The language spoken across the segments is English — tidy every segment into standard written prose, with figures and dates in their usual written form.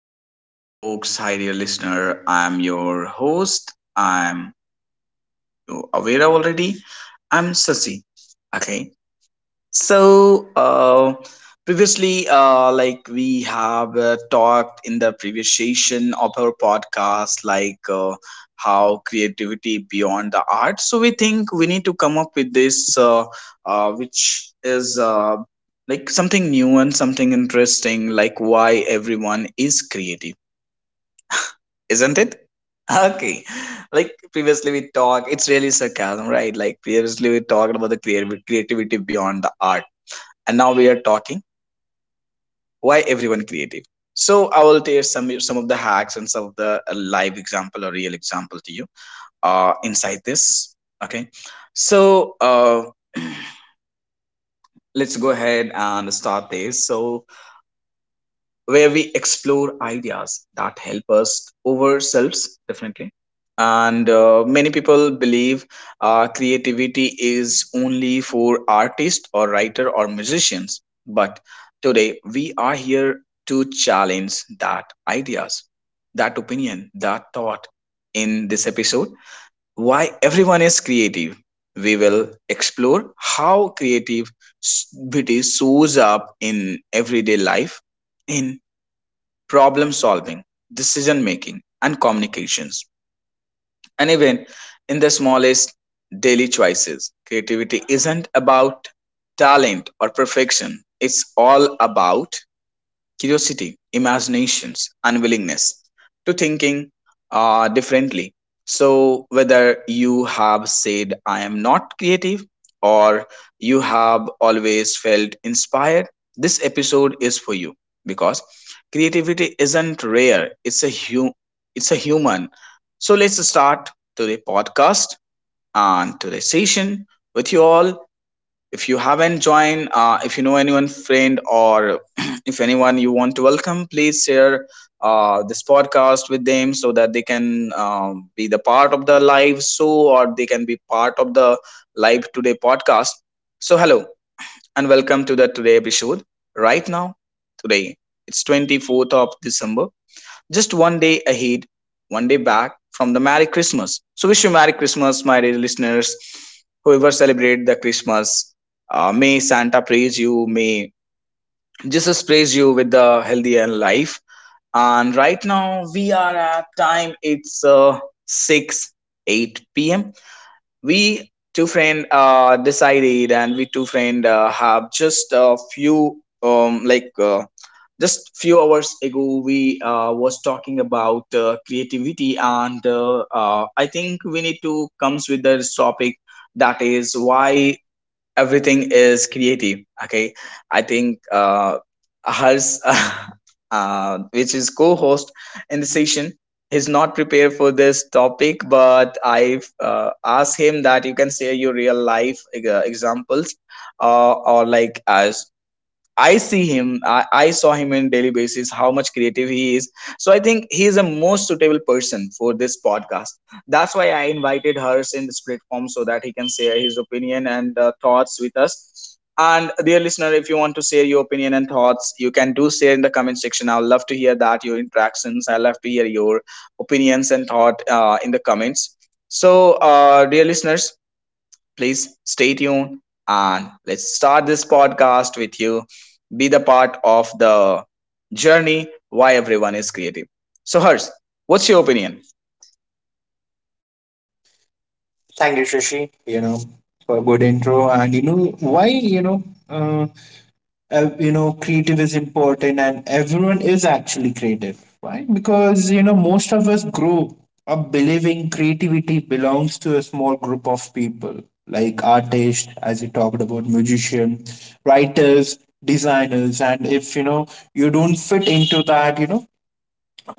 Hello, hi, dear folks. Hi, dear listener. I'm your host. I'm you aware already. I'm Sasi. Okay. So, previously, like we have talked in the previous session of our podcast, like how creativity beyond the art. So, we think we need to come up with this, which is like something new and something interesting, like why everyone is creative, isn't it? Okay. Like previously we talked, it's really sarcasm, right? Like previously we talked about the creative creativity beyond the art, and now we are talking why everyone creative. So I will tell some of the hacks and some of the live example or real example to you inside this. Okay. So, let's go ahead and start this. So where we explore ideas that help us ourselves definitely, and many people believe creativity is only for artists or writer or musicians, but today we are here to challenge that ideas, that opinion, that thought. In this episode, why everyone is creative, we will explore how creativity shows up in everyday life, in problem-solving, decision-making, and communications. And even in the smallest daily choices, creativity isn't about talent or perfection. It's all about curiosity, imaginations, and willingness to thinking, differently. So whether you have said I am not creative or you have always felt inspired, this episode is for you because creativity isn't rare; it's a it's a human. So let's start today podcast and today's session with you all. If you haven't joined, if you know anyone friend, or if anyone you want to welcome, please share this podcast with them so that they can be the part of the live show, or they can be part of the live today podcast. So hello and welcome to the today episode. Right now, today, it's 24th of December, just one day ahead, one day back from the Merry Christmas. So wish you Merry Christmas, my dear listeners. Whoever celebrate the Christmas, may Santa praise you, may Jesus praise you with the healthy and life. And right now we are at time. It's six eight p.m. We two friend decided, and we two friend have just a few like just few hours ago we was talking about creativity, and I think we need to comes with this topic, that is why everything is creative. Okay. I think hers, which is co-host in the session, he's not prepared for this topic, but I asked him that you can share your real life examples, or like as I see him. I saw him on daily basis. How much creative he is. So I think he is a most suitable person for this podcast. That's why I invited hers in this platform so that he can share his opinion and thoughts with us. And dear listener, if you want to share your opinion and thoughts, you can do share in the comment section. I would love to hear that your interactions. I love to hear your opinions and thought in the comments. So, dear listeners, please stay tuned and let's start this podcast with you. Be the part of the journey why everyone is creative. So, Hers, what's your opinion? Thank you, Shashi, for a good intro. And you know why, uh, creative is important and everyone is actually creative. Why? Because, most of us grow up believing creativity belongs to a small group of people, like artists, as you talked about, musicians, writers, designers. And if you don't fit into that, you know,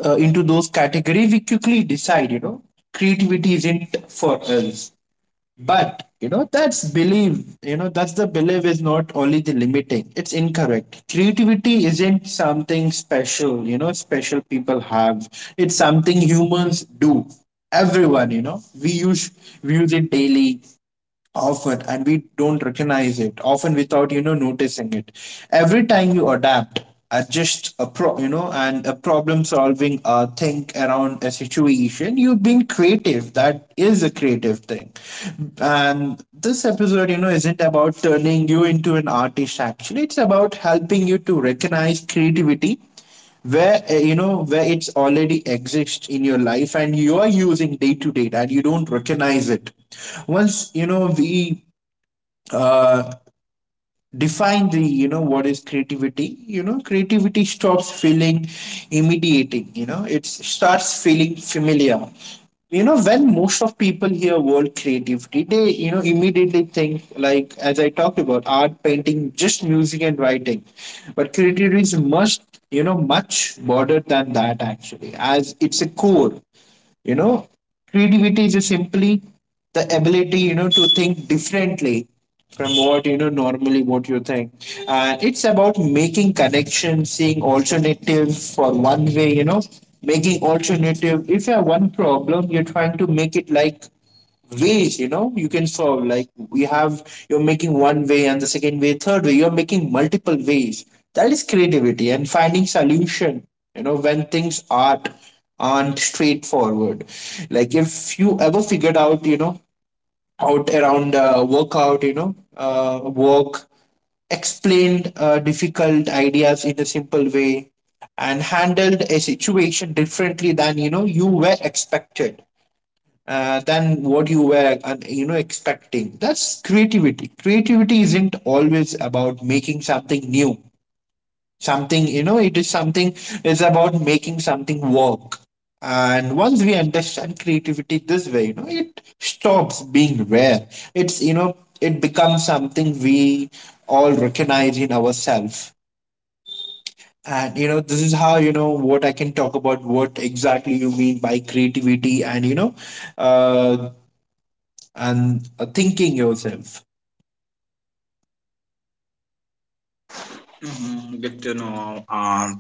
uh, into those category, we quickly decide, creativity isn't for us, but that's belief, that's the belief is not only the limiting, it's incorrect. Creativity isn't something special special people have, it's something humans do. Everyone, we use, we use it daily, often, and we don't recognize it, often without noticing it. Every time you adapt, adjust a pro you know and a problem solving, think around a situation, you being creative, that is a creative thing. And this episode, isn't about turning you into an artist, actually it's about helping you to recognize creativity where where it's already exists in your life and you are using day to day and you don't recognize it. Once we uh, define the, what is creativity, creativity stops feeling immediating, it starts feeling familiar. You know, when most of people hear word creativity, they immediately think, like as I talked about, art, painting, just music and writing. But creativity is much, much broader than that, actually as it's a core. you know Creativity is just simply the ability, to think differently from what, normally what you think. And it's about making connections, seeing alternative for one way, making alternative. If you have one problem, you're trying to make it like ways, you can solve. Like we have, you're making one way and the second way, third way, you're making multiple ways. That is creativity, and finding solution, when things aren't straightforward. Like if you ever figured out, out around workout you know work, explained difficult ideas in a simple way, and handled a situation differently than, you were expected, than what you were, expecting. That's creativity. Creativity isn't always about making something new, something, it's about making something work. And once we understand creativity this way, it stops being rare. It's, it becomes something we all recognize in ourselves. And this is how, what I can talk about, what exactly you mean by creativity, and uh, thinking yourself. Mhm. Good to know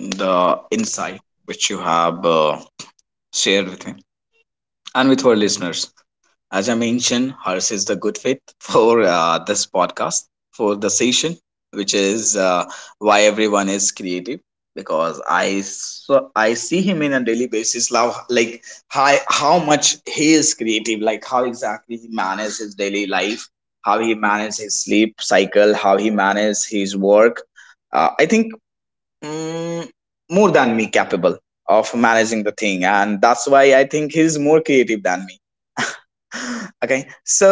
the insight which you have shared with me and with our listeners. As I mentioned, Harsh is the good fit for this podcast, for the session, which is why everyone is creative. Because I see him in a daily basis, now, like how much he is creative, like how exactly he manages his daily life, how he manages his sleep cycle, how he manages his work. I think mm, more than me capable of managing the thing, and that's why I think he's more creative than me. Okay. So,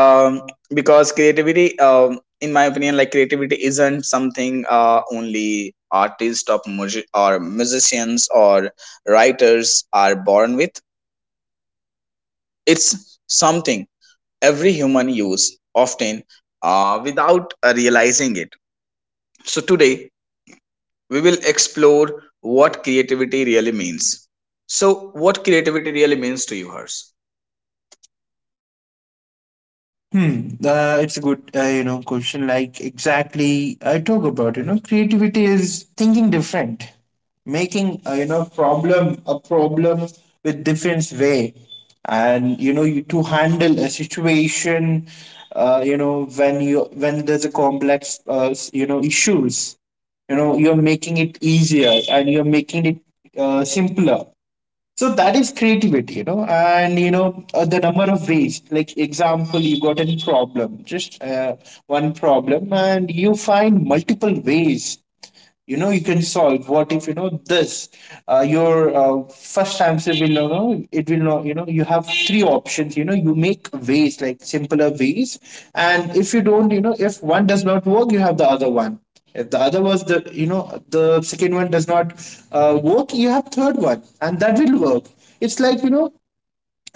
um, because creativity, in my opinion, like creativity isn't something only artists, or, or musicians or writers are born with. It's something every human use often, without realizing it. So today we will explore what creativity really means. So what creativity really means to you, hers? Hmm. It's a good, question. Like exactly, I talk about, creativity is thinking different, making problem, a problem with different way, and you to handle a situation, when you, when there's a complex issues, you're making it easier, and you're making it simpler. So that is creativity, and the number of ways. Like example, you got a problem, just one problem, and you find multiple ways, you can solve. What if, this your first answer will, no, it will not, you have three options, you make ways, like simpler ways. And if you don't, if one does not work, you have the other one. If the other was the, the second one does not work, you have third one, and that will work. It's like,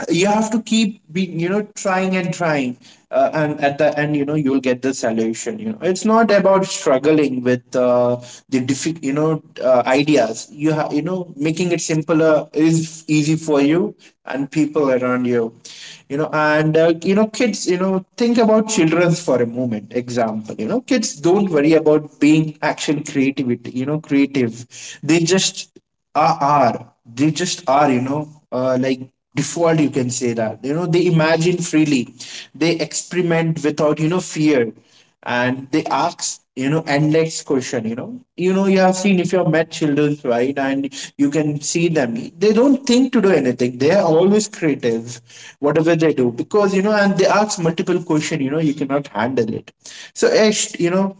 you have to keep being, trying and trying, and at the end, you'll get the solution. You know, it's not about struggling with the ideas you have, making it simpler is easy for you and people around you. You know, and kids, think about children for a moment, example, kids don't worry about being actual creativity, creative. They just are, like default, you can say that, they imagine freely, they experiment without, fear, and they ask, endless question. You know, you have seen, if you have met children, right? And you can see them, they don't think to do anything, they are always creative, whatever they do. Because, and they ask multiple question, you cannot handle it. So Ash,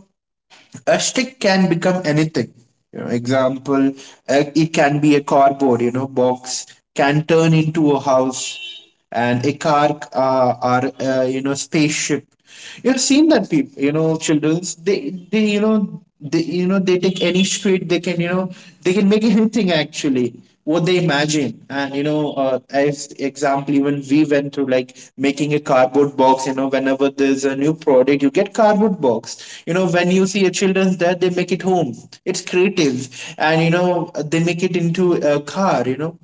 a stick can become anything, example, it can be a cardboard, box, can turn into a house and a car or spaceship. You've seen that people, children's, they you know they you know they take any street, they can, they can make anything, actually what they imagine. And as example, even we went through like making a cardboard box. You know, whenever there's a new product, you get cardboard box. You know, when you see a children's there, they make it home. It's creative, and they make it into a car,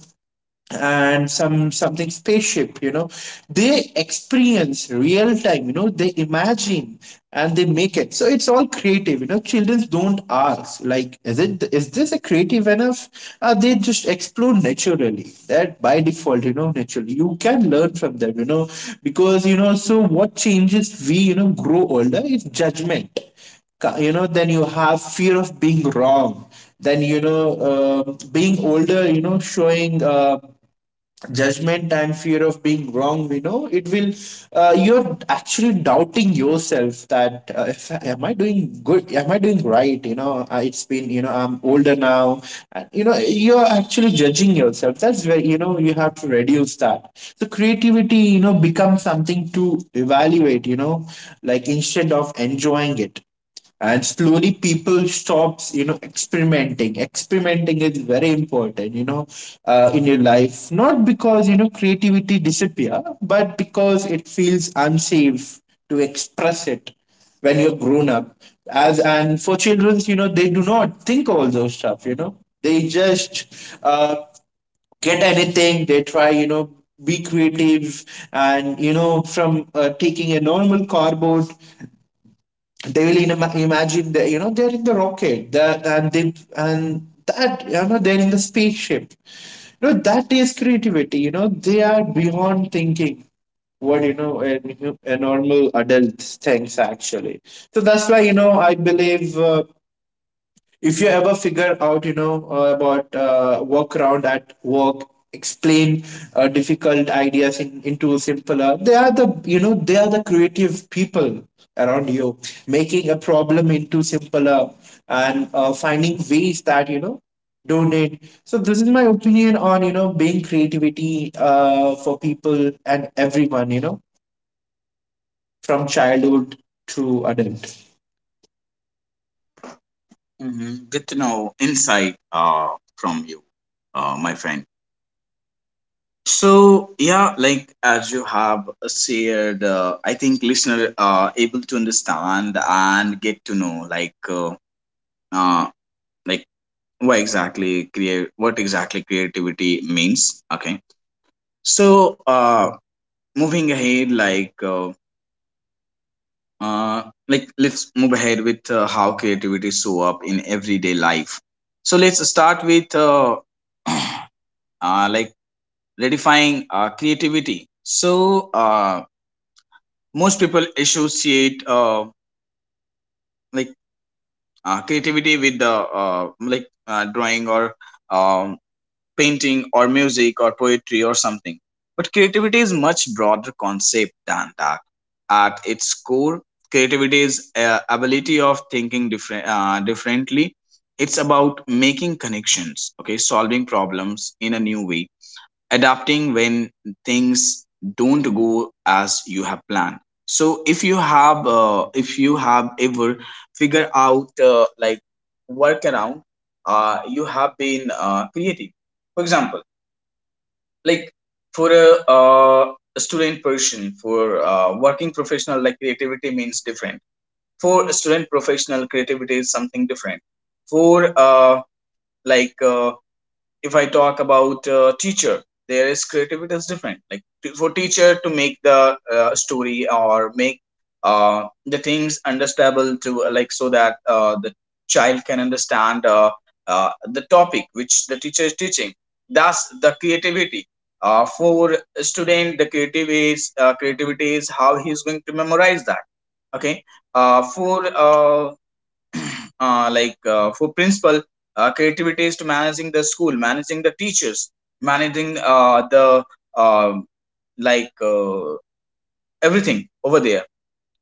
and some something spaceship, they experience real time, they imagine and they make it. So it's all creative. You know, children don't ask like, is it, is this a creative enough? They just explode naturally, that by default, naturally, you can learn from them. You know, because, so what changes we, grow older, is judgment. Then you have fear of being wrong. Then, being older, showing judgment and fear of being wrong, it will you're actually doubting yourself that, if am I doing good, am I doing right. You know, it's been, I'm older now. And, you're actually judging yourself. That's where, you have to reduce that. So creativity, becomes something to evaluate, like instead of enjoying it. And slowly people stops, experimenting. Experimenting is very important, in your life, not because, creativity disappear, but because it feels unsafe to express it when you're grown up. As and for children, they do not think all those stuff. You know, they just uh, get anything they try, be creative. And from taking a normal cardboard, they will imagine that, they're in the rocket, that, and they, and that, they're in the spaceship. You know, that is creativity. You know, they are beyond thinking what, a normal adult thinks actually. So that's why, I believe, if you ever figure out, about workaround at work, explain difficult ideas into simpler, they are the, they are the creative people around you, making a problem into simpler, and finding ways that, donate. So this is my opinion on, being creativity for people and everyone, from childhood to adult. Hmm. Good to know insight from you, my friend. So yeah, like as you have shared, I think listener are able to understand and get to know uh, like what exactly create what exactly creativity means. Okay, so moving ahead, uh, like let's move ahead with how creativity show up in everyday life. So let's start with like redefining creativity. So most people associate like creativity with the like drawing, or um, painting, or music, or poetry, or something. But creativity is much broader concept than that. At its core, creativity is ability of thinking differently. It's about making connections, okay, solving problems in a new way, adapting when things don't go as you have planned. So if you have ever figured out like workaround, you have been creative. For example, like for a student person, for working professional, like creativity means different. For a student professional, creativity is something different. For like uh, if I talk about teacher, there is creativity is different. Like to, for teacher to make the story, or make the things understandable to like, so that the child can understand the topic which the teacher is teaching. That's the creativity. For student, the creative is creativity is how he is going to memorize that. Okay. Uh, for uh, for principal, creativity is to managing the school, managing the teachers, managing the um like uh, everything over there.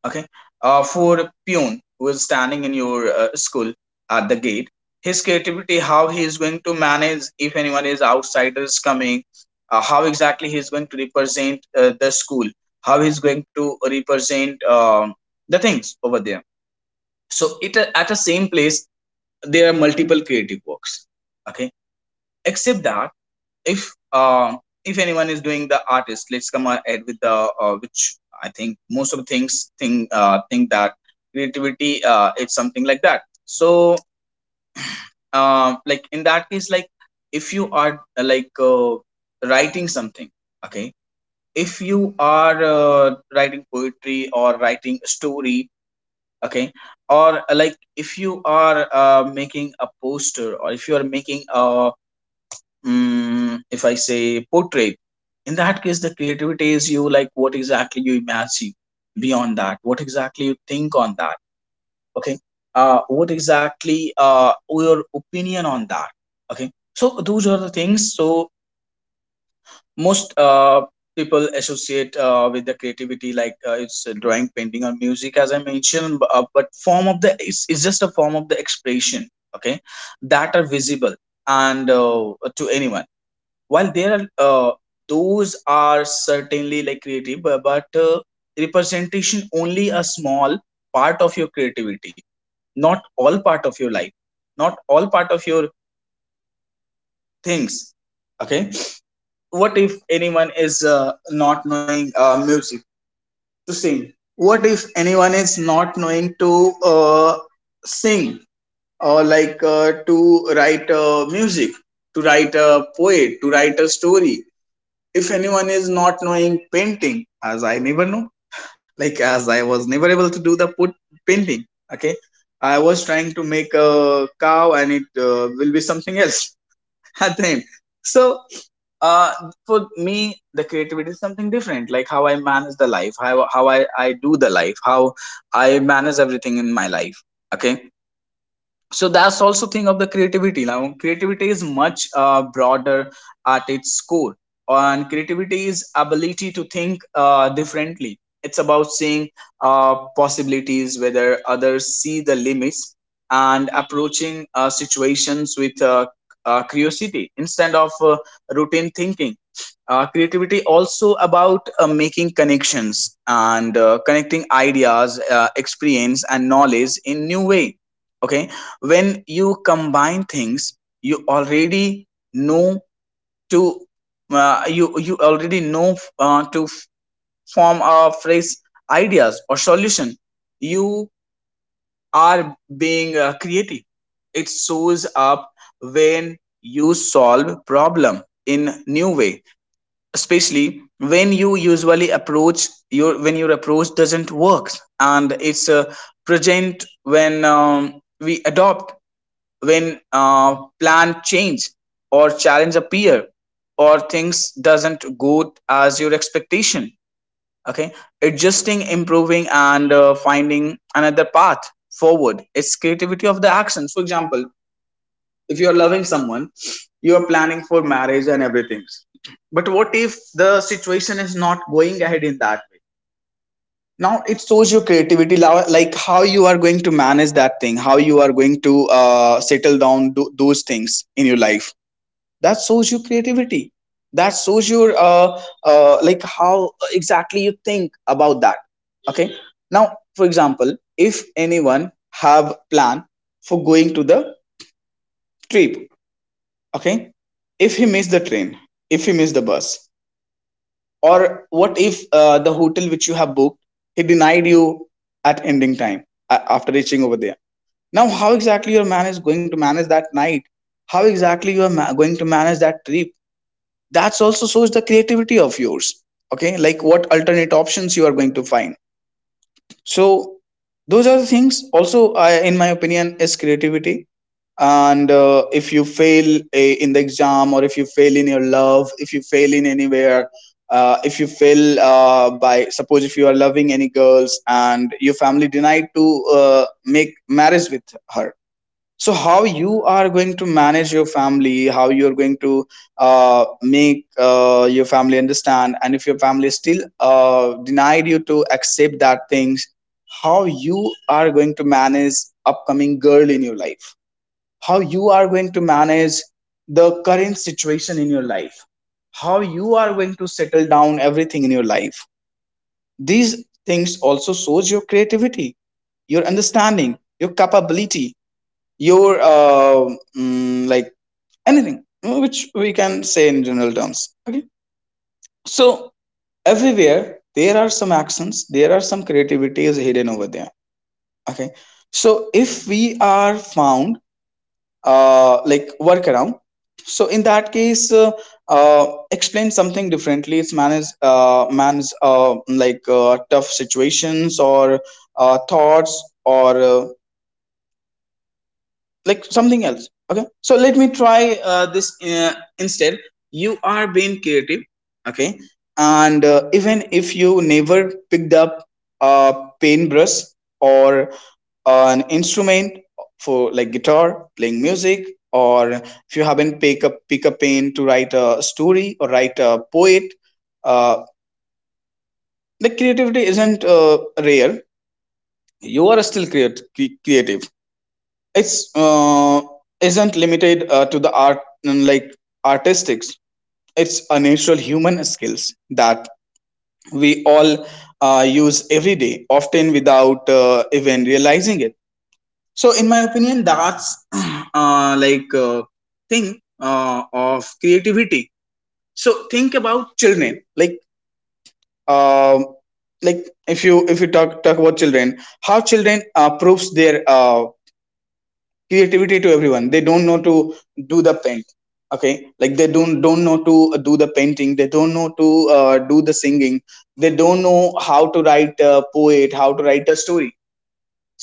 Okay. For peon who is standing in your school at the gate, his creativity, how he is going to manage if anyone is outsiders coming, how exactly he is going to represent the school, how he is going to represent the things over there. So it at the same place, there are multiple creative works. Okay. Except that, if uh, if anyone is doing the artist, let's come ahead with the which I think most of things think, think that creativity, it's something like that. So like in that case, like if you are writing something, okay, if you are writing poetry, or writing a story, okay, or if you are making a poster, or if you are making a, mm, if I say portrait, in that case, the creativity is you, like what exactly you imagine beyond that, what exactly you think on that, okay? What exactly your opinion on that, okay? So those are the things. So most people associate with the creativity like it's drawing, painting, or music, as I mentioned. But form of the it's just a form of the expression, okay? That are visible and to anyone, while there are those are certainly like creative, but representation only a small part of your creativity, not all part of your life, not all part of your things. Okay. What if anyone is not knowing music to sing, what if anyone is not knowing to uh, sing, or to write music, to write a poet, to write a story, if anyone is not knowing painting, as I never know, like as I was never able to do the put painting. Okay. I was trying to make a cow, and it will be something else at the end. So, for me, the creativity is something different, like how I manage the life, how I do the life, how I manage everything in my life. Okay. So that's also thing of the creativity. Now creativity is much broader at its core, and creativity is ability to think, differently. It's about seeing uh, possibilities whether others see the limits, and approaching situations with curiosity instead of routine thinking. Creativity also about making connections, and connecting ideas, experience, and knowledge in new way. Okay. When you combine things you already know to you already know to form a phrase, ideas, or solution, you are being creative. It shows up when you solve problem in new way, especially when you usually approach your, when your approach doesn't work. And it's present when we adopt, when plan change, or challenge appear, or things doesn't go as your expectation. Okay. Adjusting, improving, and finding another path forward, it's creativity of The actions, for example, if you are loving someone, you are planning for marriage and everything, but what if the situation is not going ahead in that way? Now it shows your creativity, like how you are going to manage that thing, how you are going to settle down those things in your life. That shows your creativity. That shows your like how exactly you think about that. Okay, now for example, if anyone have plan for going to the trip. Okay, if he miss the train, if he miss the bus, or what if the hotel which you have booked, he denied you at ending time after reaching over there. Now how exactly your man is going to manage that night? How exactly you are going to manage that trip? That's also shows the creativity of yours. Okay, like what alternate options you are going to find. So those are the things also in my opinion is creativity. And if you fail in the exam, or if you fail in your love, if you fail in anywhere, if you fail by, suppose if you are loving any girls and your family denied to make marriage with her, so how you are going to manage your family? How you are going to make your family understand? And if your family still denied you to accept that things, how you are going to manage upcoming girl in your life? How you are going to manage the current situation in your life? How you are going to settle down everything in your life? These things also shows your creativity, your understanding, your capability, your like anything, which we can say in general terms. Okay, so everywhere there are some actions, there are some creativity is hidden over there. Okay, so if we are found like workaround, so in that case explain something differently, it's manage manage like tough situations or thoughts or like something else. Okay, so let me try this instead. You are being creative. Okay, and even if you never picked up a paintbrush or an instrument, for like guitar, playing music, or if you haven't pick a pen to write a story or write a poet, uh, the creativity isn't rare. You are still creative. It's isn't limited to the art, like artistics. It's a natural human skills that we all use every day, often without even realizing it. So in my opinion, that's like thing of creativity. So think about children, like, um like, if you if you talk about children, how children proves their creativity to everyone. They don't know to do the paint. Okay, like they don't know to do the painting, they don't know to do the singing, they don't know how to write a poet, how to write a story.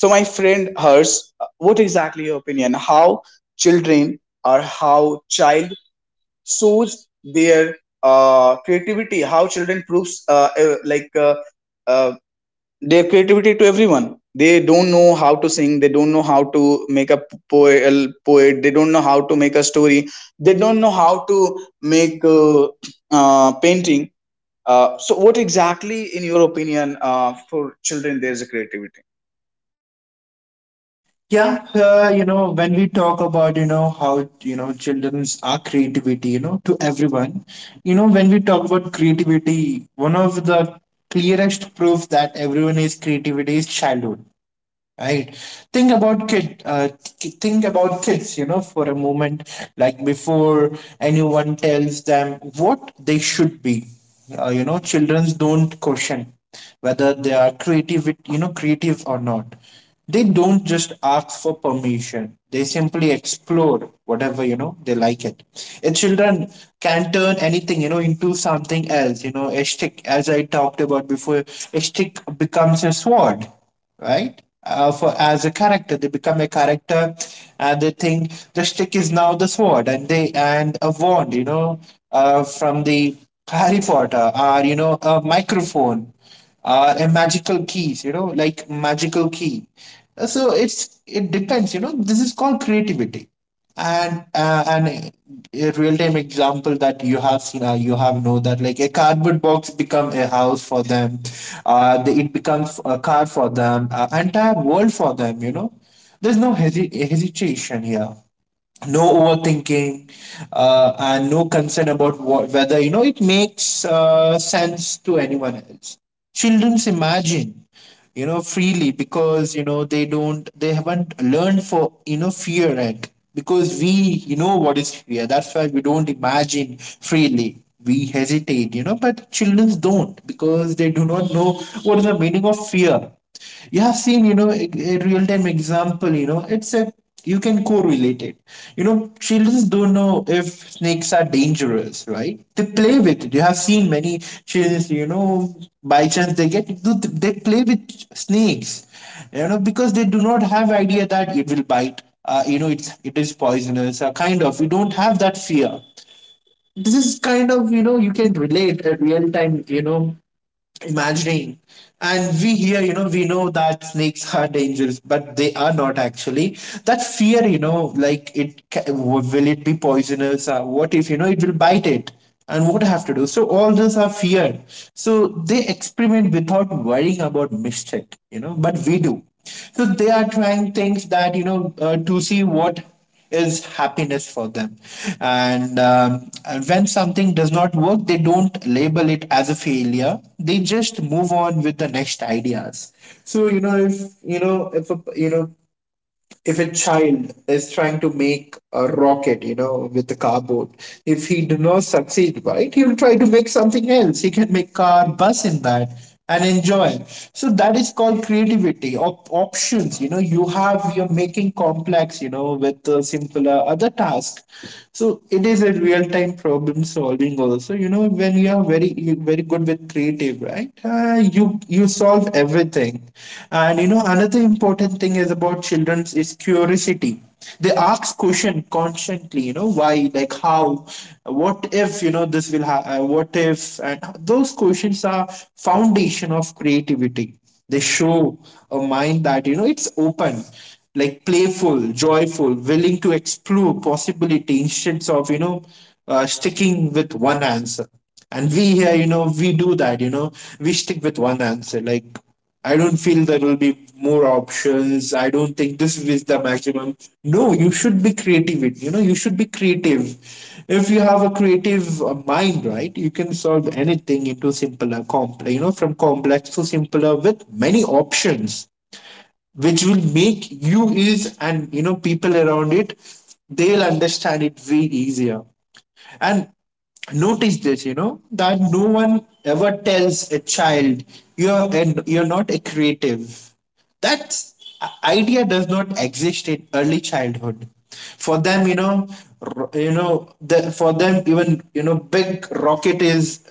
So my friend hers, what exactly your opinion, how children or how child shows their creativity? How children proves like uh, their creativity to everyone? They don't know how to sing, they don't know how to make a poet, they don't know how to make a story, they don't know how to make painting. So what exactly in your opinion for children there's a creativity? Yeah, when we talk about, how, children's are creativity, to everyone, when we talk about creativity, one of the clearest proof that everyone is creativity is childhood. Right. Think about kid. Think about kids, for a moment, like before anyone tells them what they should be. Children don't question whether they are creative, creative or not. They don't just ask for permission. They simply explore whatever, they like it. And children can turn anything, into something else. You know, a stick, as I talked about before, a stick becomes a sword, right? For as a character, they become a character, and they think the stick is now the sword, and they, and a wand, from the Harry Potter, or, a microphone, or a magical keys, like magical key. So it's, it depends, you know. This is called creativity, and a real time example that you have seen, you have know that like a cardboard box become a house for them. It becomes a car for them, entire world for them, there's no hesitation here, no overthinking, and no concern about what, whether it makes sense to anyone else. Children's imagine freely, because they haven't learned for, fear yet. Because we, what is fear, that's why we don't imagine freely, we hesitate, but children don't, because they do not know what is the meaning of fear. You have seen, a real-time example, it's a, you can correlate it. You know, children don't know if snakes are dangerous, right? They play with it. You have seen many children, by chance they get, they play with snakes, because they do not have idea that it will bite, it is poisonous, kind of, you don't have that fear. This is kind of, you can relate a real time, imagining. And we here, we know that snakes are dangerous, but they are not actually that fear, like will it be poisonous, or what if it will bite it, and what I have to do, so all those are fear. So they experiment without worrying about mistake, but we do. So they are trying things that, to see what is happiness for them. And when something does not work, they don't label it as a failure, they just move on with the next ideas. So you know if a, you know if a child is trying to make a rocket, with the cardboard, if he do not succeed, right, he will try to make something else. He can make car, bus in that and enjoy. So that is called creativity, options. You're making complex, with a simpler other task. So it is a real time problem solving also. You know, when you very good with creative, right, you solve everything. And, another important thing is about children is curiosity. They ask question constantly, why, like how, what if, what if, and those questions are foundation of creativity. They show a mind that, it's open, like playful, joyful, willing to explore possibility instead of, sticking with one answer. And we here, we do that, we stick with one answer, like I don't feel there will be more options. I don't think this is the maximum. No, you should be creative. It You know, you should be creative. If you have a creative mind, right, you can solve anything into simpler, complex. You know, from complex to simpler with many options, which will make you is, and people around it, they'll understand it way easier. And notice this, that no one ever tells a child you're not a creative. That idea does not exist in early childhood. For them, for them, even, big rocket is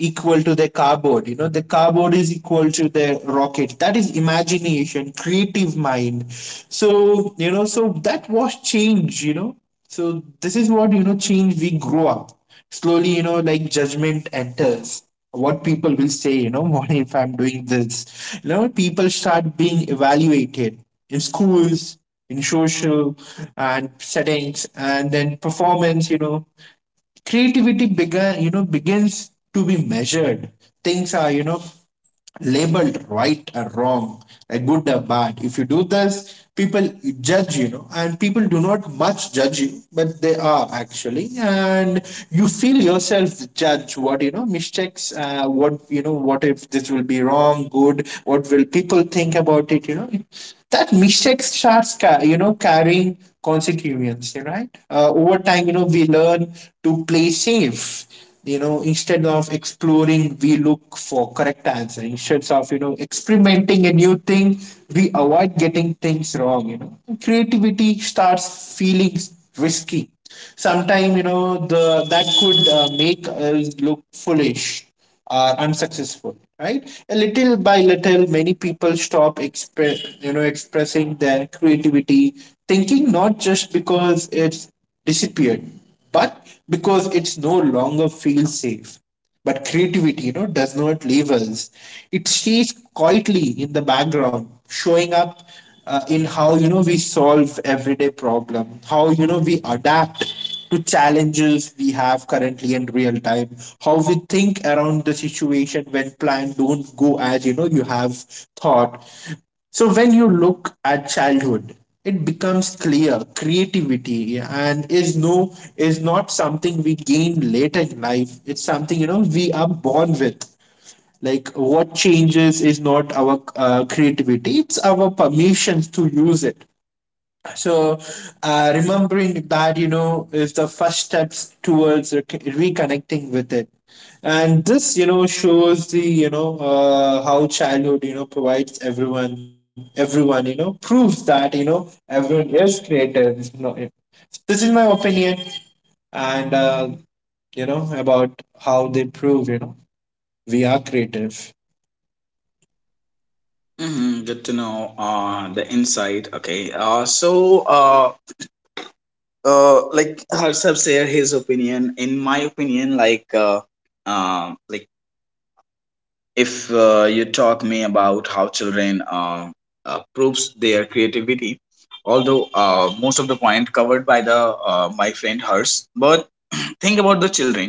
equal to the cardboard, the cardboard is equal to the rocket, that is imagination creative mind. So so that was change, so this is what, change we grow up slowly, like judgment enters, what people will say, what if I'm doing this, people start being evaluated in schools, in social and settings, and then performance, creativity began you know begins to be measured. Things are, labeled right or wrong, a good or bad. If you do this, people judge, and people do not much judge you, but they are actually, and you feel yourself judge what, mistakes, what, what if this will be wrong, good, what will people think about it, That mistake starts, carrying consequences, right? Over time, we learn to play safe, instead of exploring, we look for correct answer, instead of, experimenting a new thing. We avoid getting things wrong, creativity starts feeling risky sometimes, the that could make us look foolish, are unsuccessful, right? A little by little, many people stop expressing their creativity thinking, not just because it's disappeared, but because it's no longer feels safe. But creativity, does not leave us. It stays quietly in the background, showing up in how, we solve everyday problem, how, we adapt to challenges we have currently in real time, how we think around the situation when plan don't go as, you have thought. So when you look at childhood, it becomes clear creativity and is not something we gain later in life, it's something, we are born with. Like what changes is not our creativity, it's our permissions to use it. So remembering that, is the first steps towards reconnecting with it. And this, shows the you know how childhood, provides everyone, proves that, everyone is creative, this is my opinion. And you know about how they prove, we are creative. Hmm. Good to know the insight. Okay, so like Harsab shared his opinion. In my opinion, like, like, if you talk me about how children proves their creativity, although most of the point covered by the my friend hers, but think about the children.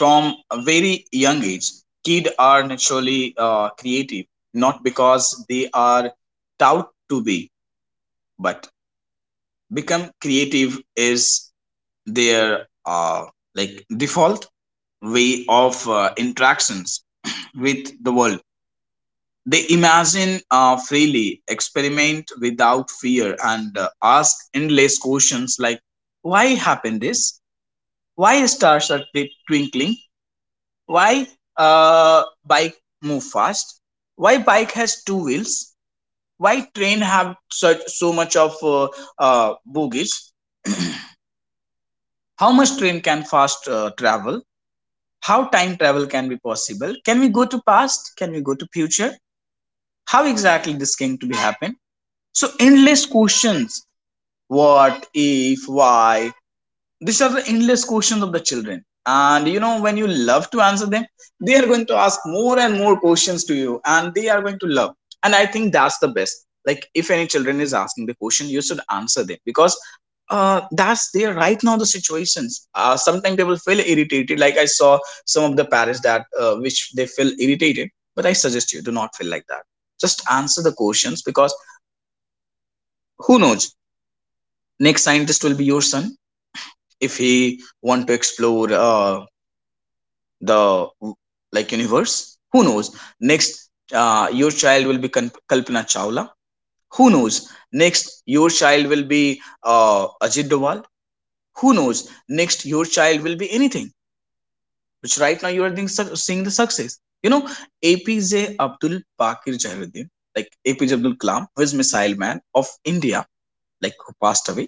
From a very young age, kids are naturally creative, not because they are taught to be, but become creative is their like default way of interactions with the world. They imagine freely, experiment without fear, and ask endless questions like, "Why happened this? Why stars are twinkling? Why uh, bike move fast? Why bike has 2 wheels? Why train have such so much of bogies? How much train can fast travel? How time travel can be possible? Can we go to past? Can we go to future? How exactly this going to be happen?" So endless questions. What if? Why? These are the endless questions of the children. And you know, when you love to answer them, they are going to ask more and more questions to you, and they are going to love. And I think that's the best. Like, if any children is asking the question, you should answer them because that's there right now the situations. Sometimes they will feel irritated, like I saw some of the parents that which they feel irritated, but I suggest you do not feel like that. Just answer the questions, because who knows, next scientist will be your son. If he want to explore the like universe, who knows? Next your child will be Kalpana Chawla. Who knows, next your child will be Ajit Doval. Who knows, next your child will be anything which right now you are doing, seeing the success, you know, APJ Abdul Pakir Jairuddin, like APJ Abdul Kalam, who is missile man of India, like who passed away.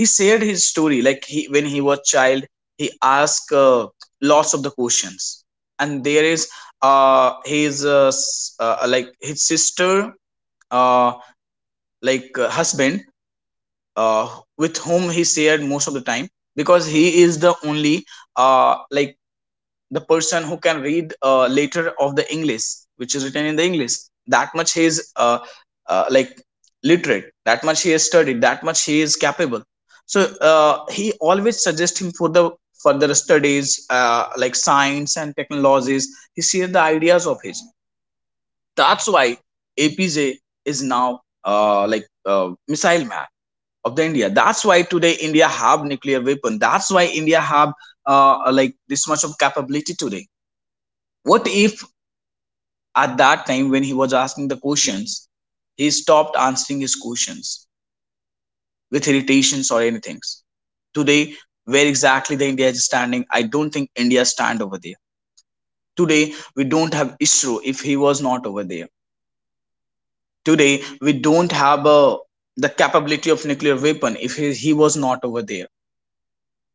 He shared his story, like he, when he was child, he asked lots of the questions. And there is his like his sister uh like husband, uh with whom he shared most of the time, because he is the only like the person who can read later of the English, which is written in the English. That much he is like literate, that much he has studied, that much he is capable. So he always suggests him for the further studies, like science and technologies. He shares the ideas of his. That's why APJ is now like uh, missile man of the India. That's why today India have nuclear weapon, that's why India have like this much of capability today. What if at that time when he was asking the questions, he stopped answering his questions with irritations or anything? Today, where exactly the India is standing, I don't think India stand over there. Today, we don't have ISRO if he was not over there. Today, we don't have the capability of nuclear weapon if he was not over there.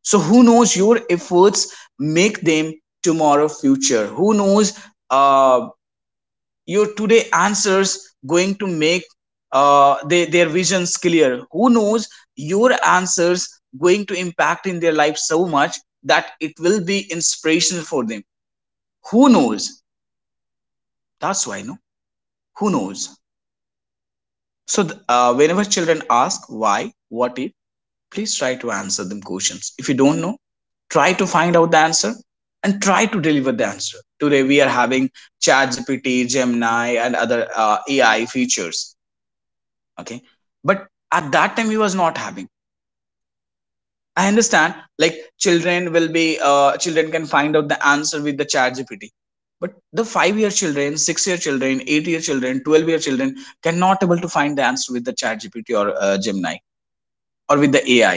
So who knows, your efforts make them tomorrow future? Who knows uh, your today answers going to make their visions clear? Who knows your answers going to impact in their life so much that it will be inspirational for them? Who knows? That's why, no, who knows? So whenever children ask why, what if, please try to answer them questions. If you don't know, try to find out the answer and try to deliver the answer. Today we are having ChatGPT, Gemini and other AI features. Okay, but at that time he was not having. I understand, like, children will be, children can find out the answer with the chat gpt but the 5 year children, 6 year children, 8 year children, 12-year children cannot able to find the answer with the chat gpt or Gemini, or with the AI.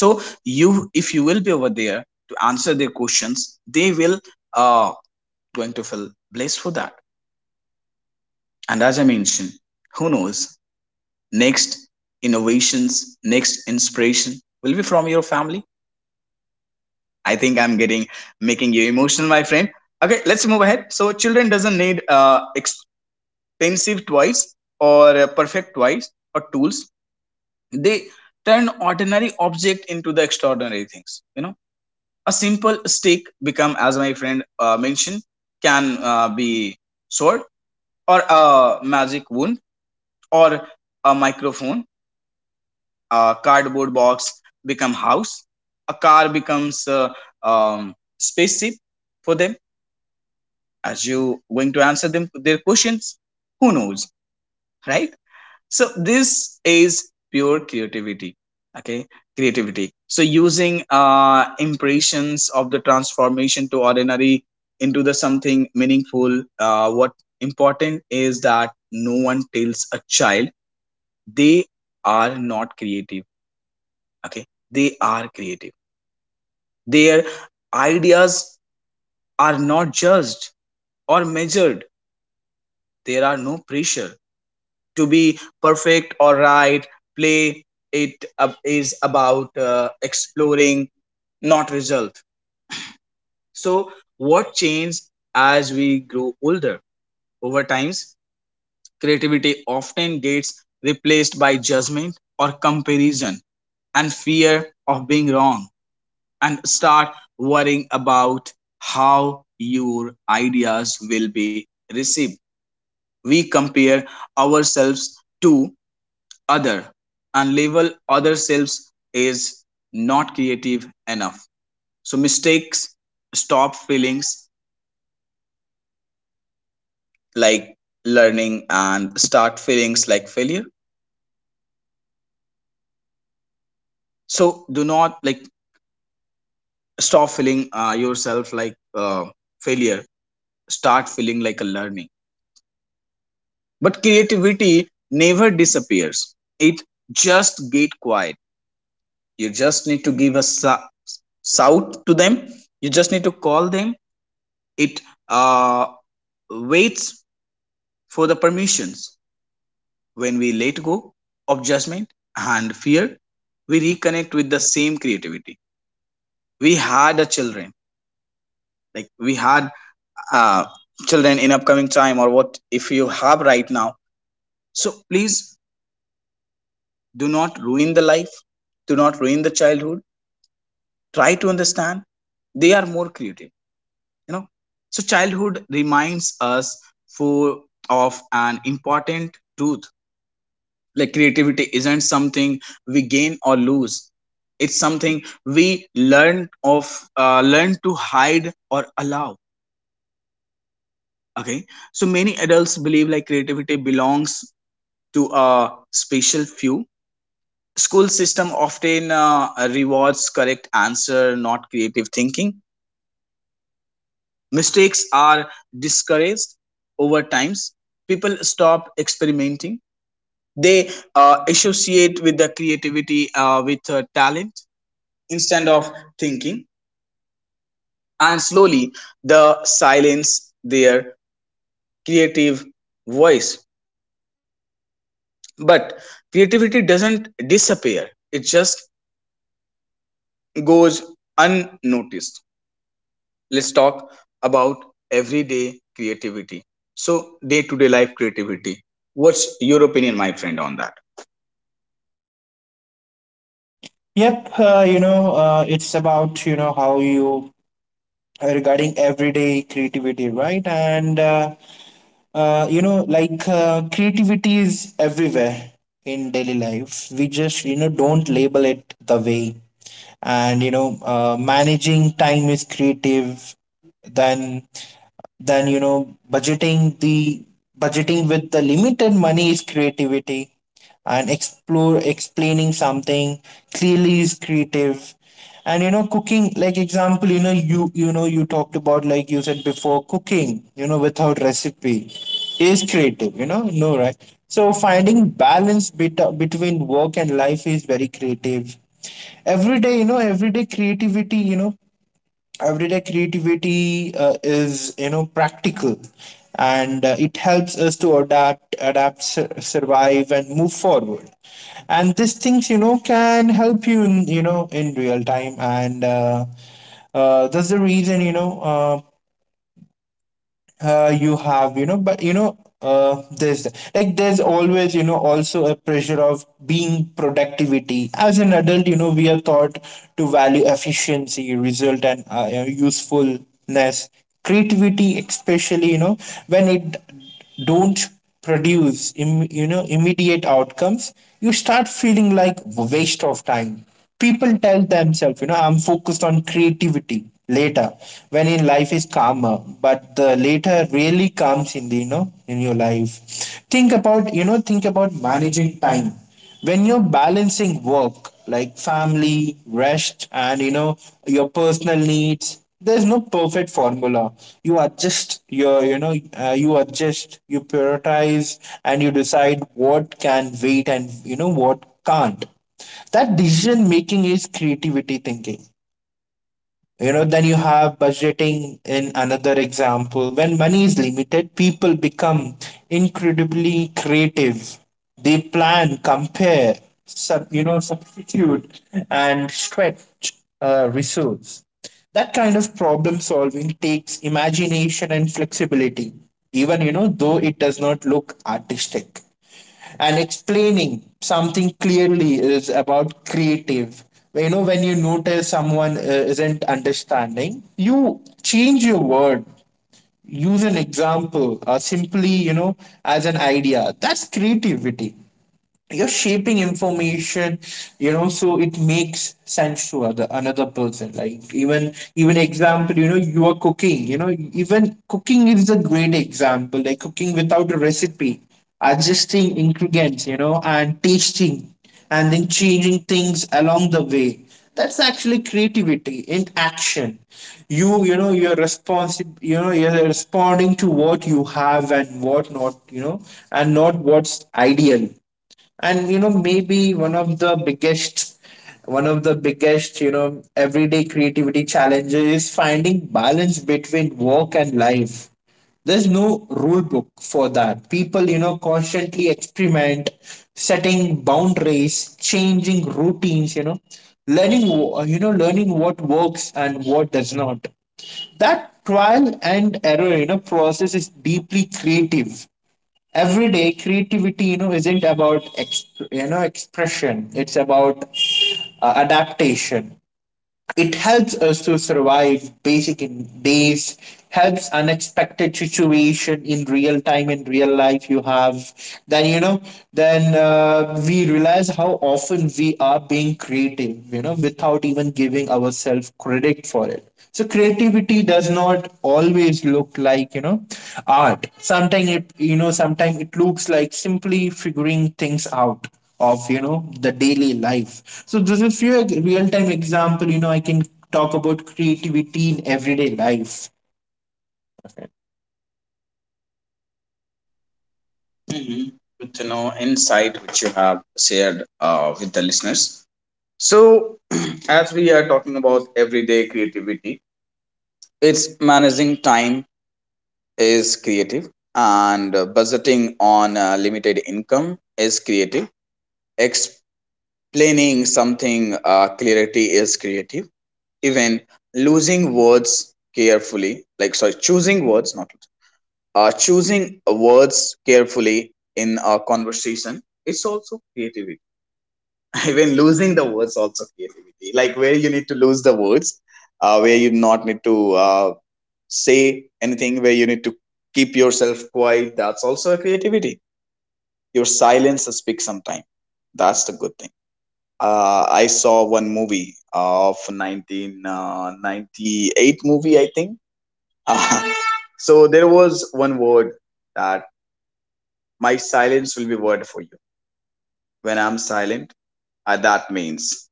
So you, if you will be over there to answer their questions, they will uh, going to feel blessed for that. And as I mentioned, who knows, next innovations, next inspiration will be from your family. I think I'm getting, making you emotional, my friend. Okay, let's move ahead. So children doesn't need expensive toys or perfect toys or tools. They turn ordinary object into the extraordinary things. You know, a simple stick become, as my friend mentioned, can be sword, or a magic wand, or a microphone, a cardboard box become house, a car becomes a um, spaceship for them, as you going to answer them their questions. Who knows, right? So this is pure creativity. Okay, creativity, so using impressions of the transformation to ordinary into the something meaningful. What important is that no one tells a child they are not creative. Okay, they are creative. Their ideas are not judged or measured. There are no pressure to be perfect or right. Play it up is about exploring, not result. So, what changes as we grow older? Over times, creativity often gets replaced by judgment or comparison and fear of being wrong. And start worrying about how your ideas will be received. We compare ourselves to other and label other selves is not creative enough. So mistakes stop feelings like learning and start feelings like failure. So do not like stop feeling yourself like uh, failure, start feeling like a learning. But creativity never disappears, it just get quiet. You just need to give a shout to them, you just need to call them. It uh, waits for the permissions. When we let go of judgment and fear, we reconnect with the same creativity we had a children, like we had uh, children in upcoming time or what if you have right now. So please do not ruin the life, do not ruin the childhood. Try to understand, they are more creative, you know. So childhood reminds us for of an important truth, like creativity isn't something we gain or lose. It's something we learn of learn to hide or allow. Okay. So many adults believe like creativity belongs to a special few. School system often rewards correct answer, not creative thinking. Mistakes are discouraged over times, people stop experimenting. They associate with the creativity with talent instead of thinking. And slowly the silence their creative voice. But creativity doesn't disappear, it just goes unnoticed. Let's talk about everyday creativity. So day to day life creativity, what's your opinion my friend on that? Yep, it's about, you know, how you regarding everyday creativity, right? And, you know, creativity is everywhere in daily life. We just, don't label it the way. And, managing time is creative. Then then, budgeting with the limited money is creativity. And explore explaining something clearly is creative. And cooking, like example, you talked about, like you said before, cooking, without recipe is creative, no, right? So finding balance between work and life is very creative. Every day, everyday creativity, is, practical. And it helps us to survive and move forward. And these things, can help you in, in real time. And that's the reason, you know you have you know but there's, always, also a pressure of being productivity as an adult. You know, we are taught to value efficiency, result, and usefulness. Creativity, especially, when it don't produce Im, you know immediate outcomes, you start feeling like waste of time. People tell themselves, I'm focused on creativity later, when in life is calmer. But the later really comes in the, in your life. Think about managing time when you're balancing work, like family, rest, and your personal needs, there's no perfect formula. you adjust your you know you adjust, you prioritize, and you decide what can wait and what can't. That decision making is creativity thinking. You know, then you have budgeting in another example. When money is limited, people become incredibly creative. They plan, compare, substitute, and stretch resource. That kind of problem solving takes imagination and flexibility, even though it does not look artistic. And explaining something clearly is about creative, when you notice someone isn't understanding, you change your word, use an example, or simply, as an idea, that's creativity. You're shaping information, so it makes sense to other another person. Like even even example you know you are cooking, even cooking is a great example, like cooking without a recipe, adjusting ingredients, and tasting, and then changing things along the way, that's actually creativity in action. You know you're responsible you know You're responding to what you have and what not, and not what's ideal. And maybe one of the biggest, everyday creativity challenges is finding balance between work and life. There's no rule book for that. People, constantly experiment, setting boundaries, changing routines, learning learning what works and what does not. That trial and error, process is deeply creative. Every day creativity, isn't about expression, it's about adaptation. It helps us to survive basic days, helps unexpected situation in real time, in real life you have. Then, we realize how often we are being creative, without even giving ourselves credit for it. So creativity does not always look like, art. Sometimes it looks like simply figuring things out of, the daily life. So this is few real time example, I can talk about creativity in everyday life. Mhm. Good to know insight which you have shared with the listeners. So, as we are talking about everyday creativity, it's managing time is creative, and budgeting on limited income is creative. Explaining something clarity is creative. Even losing words carefully, like sorry, choosing words, not choosing words carefully in a conversation, is also creative. Even losing the words also creativity, like where you need to lose the words, where you not need to say anything, where you need to keep yourself quiet, that's also a creativity. Your silence speaks sometime, that's the good thing. I saw one movie of 1998 movie I think. So there was one word that my silence will be word for you. When I'm silent, that means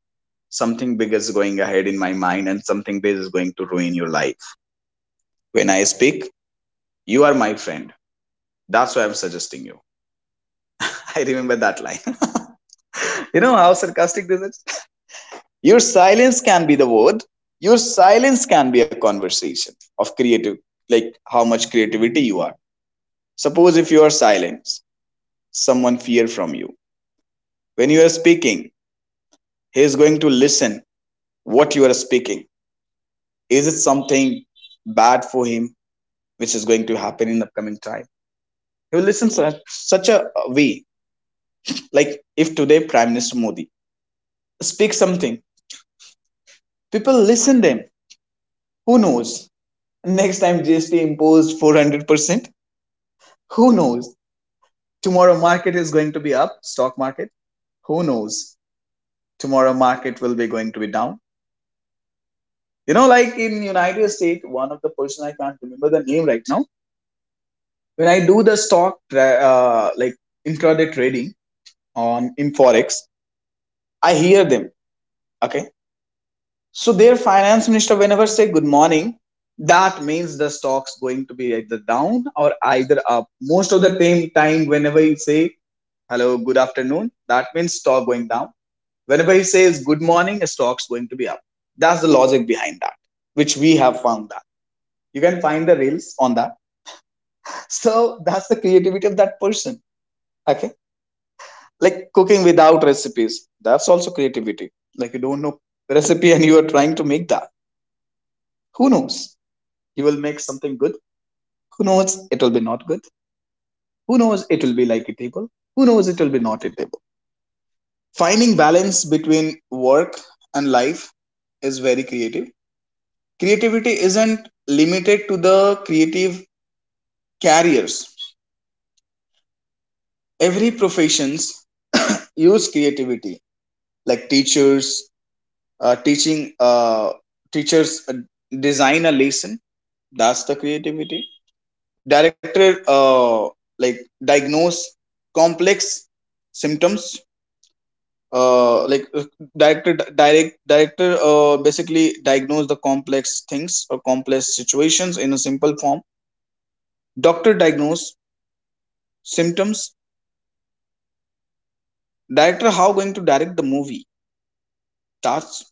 something big is going ahead in my mind and something big is going to ruin your life. When I speak, you are my friend. That's why I'm suggesting you. I remember that line. You know how sarcastic this is? Your silence can be the word. Your silence can be a conversation of creative, like how much creativity you are. Suppose if you are silent, someone fear from you. When you are speaking, he is going to listen what you are speaking. Is it something bad for him which is going to happen in the upcoming time? He will listen such, such a way. Like if today Prime Minister Modi speaks something, people listen them. Who knows? Next time GST imposed 400%, who knows? Tomorrow market is going to be up, stock market. Who knows? Tomorrow market will be going to be down. You know, like in United States, one of the person I can't remember the name right now. When I do the like intraday trading on in forex, I hear them. Okay. So their finance minister, whenever say good morning, that means the stock's going to be either down or either up. Most of the time whenever you say hello, good afternoon, that means stock going down. Whenever he says good morning, a stock's going to be up. That's the logic behind that, which we have found that. You can find the reels on that. So that's the creativity of that person. Okay. Like cooking without recipes. That's also creativity. Like you don't know recipe and you are trying to make that. Who knows? You will make something good. Who knows it'll be not good? Who knows it'll be like a table. Who knows it'll be not a table. Finding balance between work and life is very creative. Creativity isn't limited to the creative careers. Every professions use creativity, like teachers, teaching teachers design a lesson. That's the creativity. Director like diagnose complex symptoms like Director basically diagnose the complex things or complex situations in a simple form. Doctor diagnose symptoms. Director how going to direct the movie, that's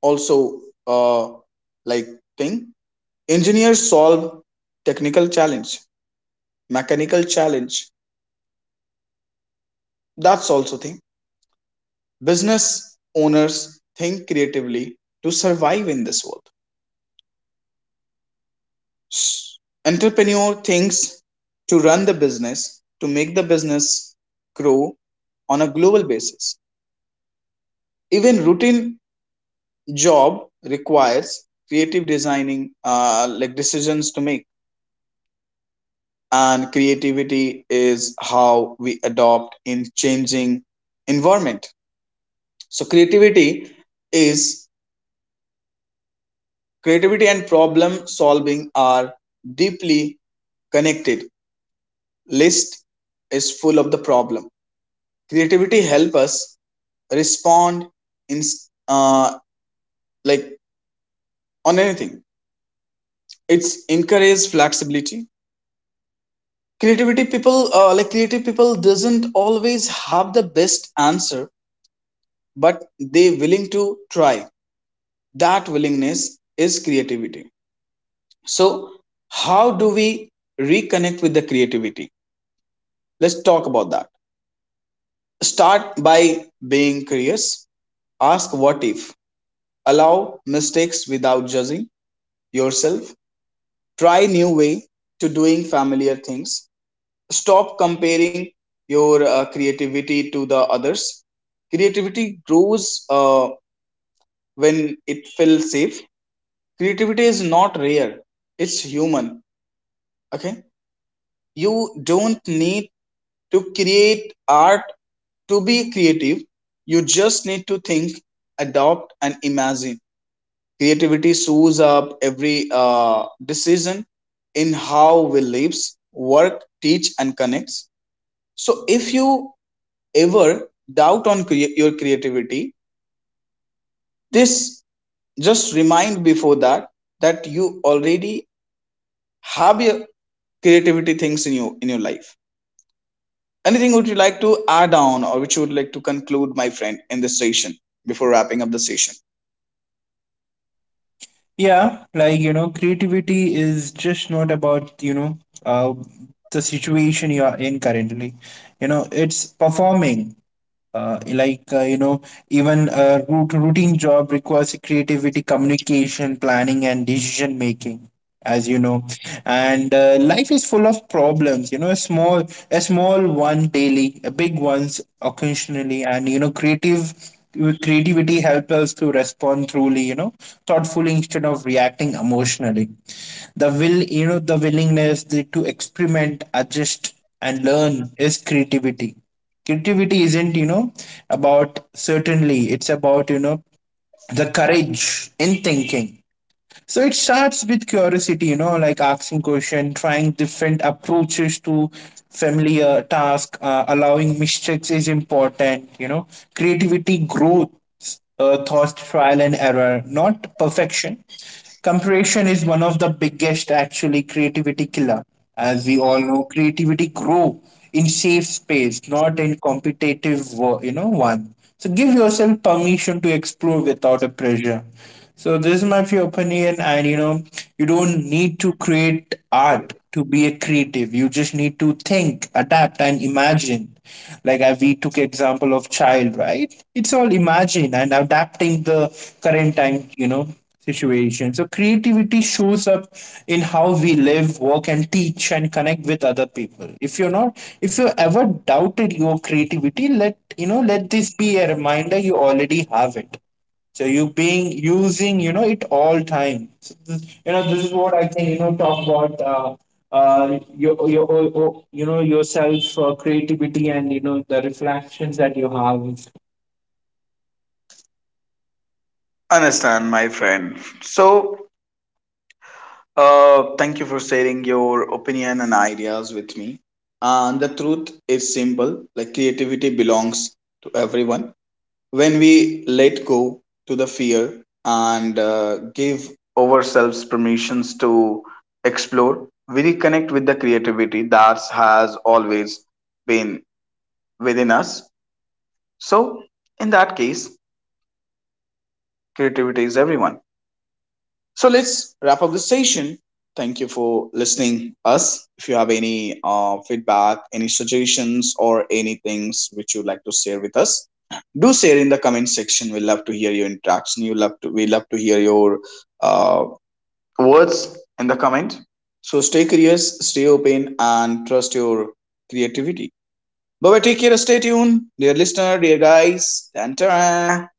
also uh, like thing. Engineer solve technical challenge, mechanical challenge, that's also thing. Business owners think creatively to survive in this world. Entrepreneur thinks to run the business, to make the business grow on a global basis. Even routine job requires creative designing like decisions to make. And creativity is how we adopt in changing environment. So is creativity and problem solving are deeply connected. List is full of the problem. Creativity help us respond in uh, like on anything. It's encourage flexibility. Creativity people like creative people doesn't always have the best answer, but they willing to try. That willingness is creativity. So how do we reconnect with the creativity? Let's talk about that. Start by being curious. Ask what if. Allow mistakes without judging yourself. Try new way to doing familiar things. Stop comparing your creativity to the others. Creativity grows uh, when it feels safe. Creativity is not rare, it's human. Okay. You don't need to create art to be creative. You just need to think, adopt and imagine. Creativity shows up every decision in how we live, work, teach, and connects. So if you ever doubt on your creativity, this just remind before that that you already have your creativity things in you in your life. Anything would you like to add on, or which you would like to conclude, my friend, in this session before wrapping up the session? Yeah, like creativity is just not about, uh, the situation you are in currently, it's performing, uh, like uh, you know even a routine job requires creativity, communication, planning, and decision making, as you know. And life is full of problems, a small one daily, a big ones occasionally, and you know creative creativity helps us to respond truly, thoughtfully, instead of reacting emotionally. The willingness, to experiment, adjust, and learn is creativity. Creativity isn't, about certainly, it's about, the courage in thinking. So it starts with curiosity, like asking question, trying different approaches to familiar task. Allowing mistakes is important, creativity growth, thought trial and error, not perfection. Comparison is one of the biggest, actually, creativity killer. As we all know, creativity grow in safe space, not in competitive, one. So give yourself permission to explore without a pressure. So this is my few opinion, and you don't need to create art to be a creative. You just need to think, adapt, and imagine. Like we took example of child, right? It's all imagine and adapting the current time, situation. So creativity shows up in how we live, work, and teach, and connect with other people. If you ever doubted your creativity, let this be a reminder you already have it, so you being using, it all time. So this, you know this is what I can, talk about yourself creativity, and the reflections that you have. Understand, my friend. So thank you for sharing your opinion and ideas with me. And the truth is simple, like creativity belongs to everyone. When we let go to the fear and give ourselves permissions to explore, we reconnect with the creativity that has always been within us. So, in that case, creativity is everyone. So let's wrap up the session. Thank you for listening us. If you have any feedback, any suggestions, or any things which you'd like to share with us, do share in the comment section. We love to hear your interaction. You love to we love to hear your uh, words in the comment. So stay curious, stay open, and trust your creativity. Bye bye. Take care. Stay tuned, dear listener, dear guys. Tantara.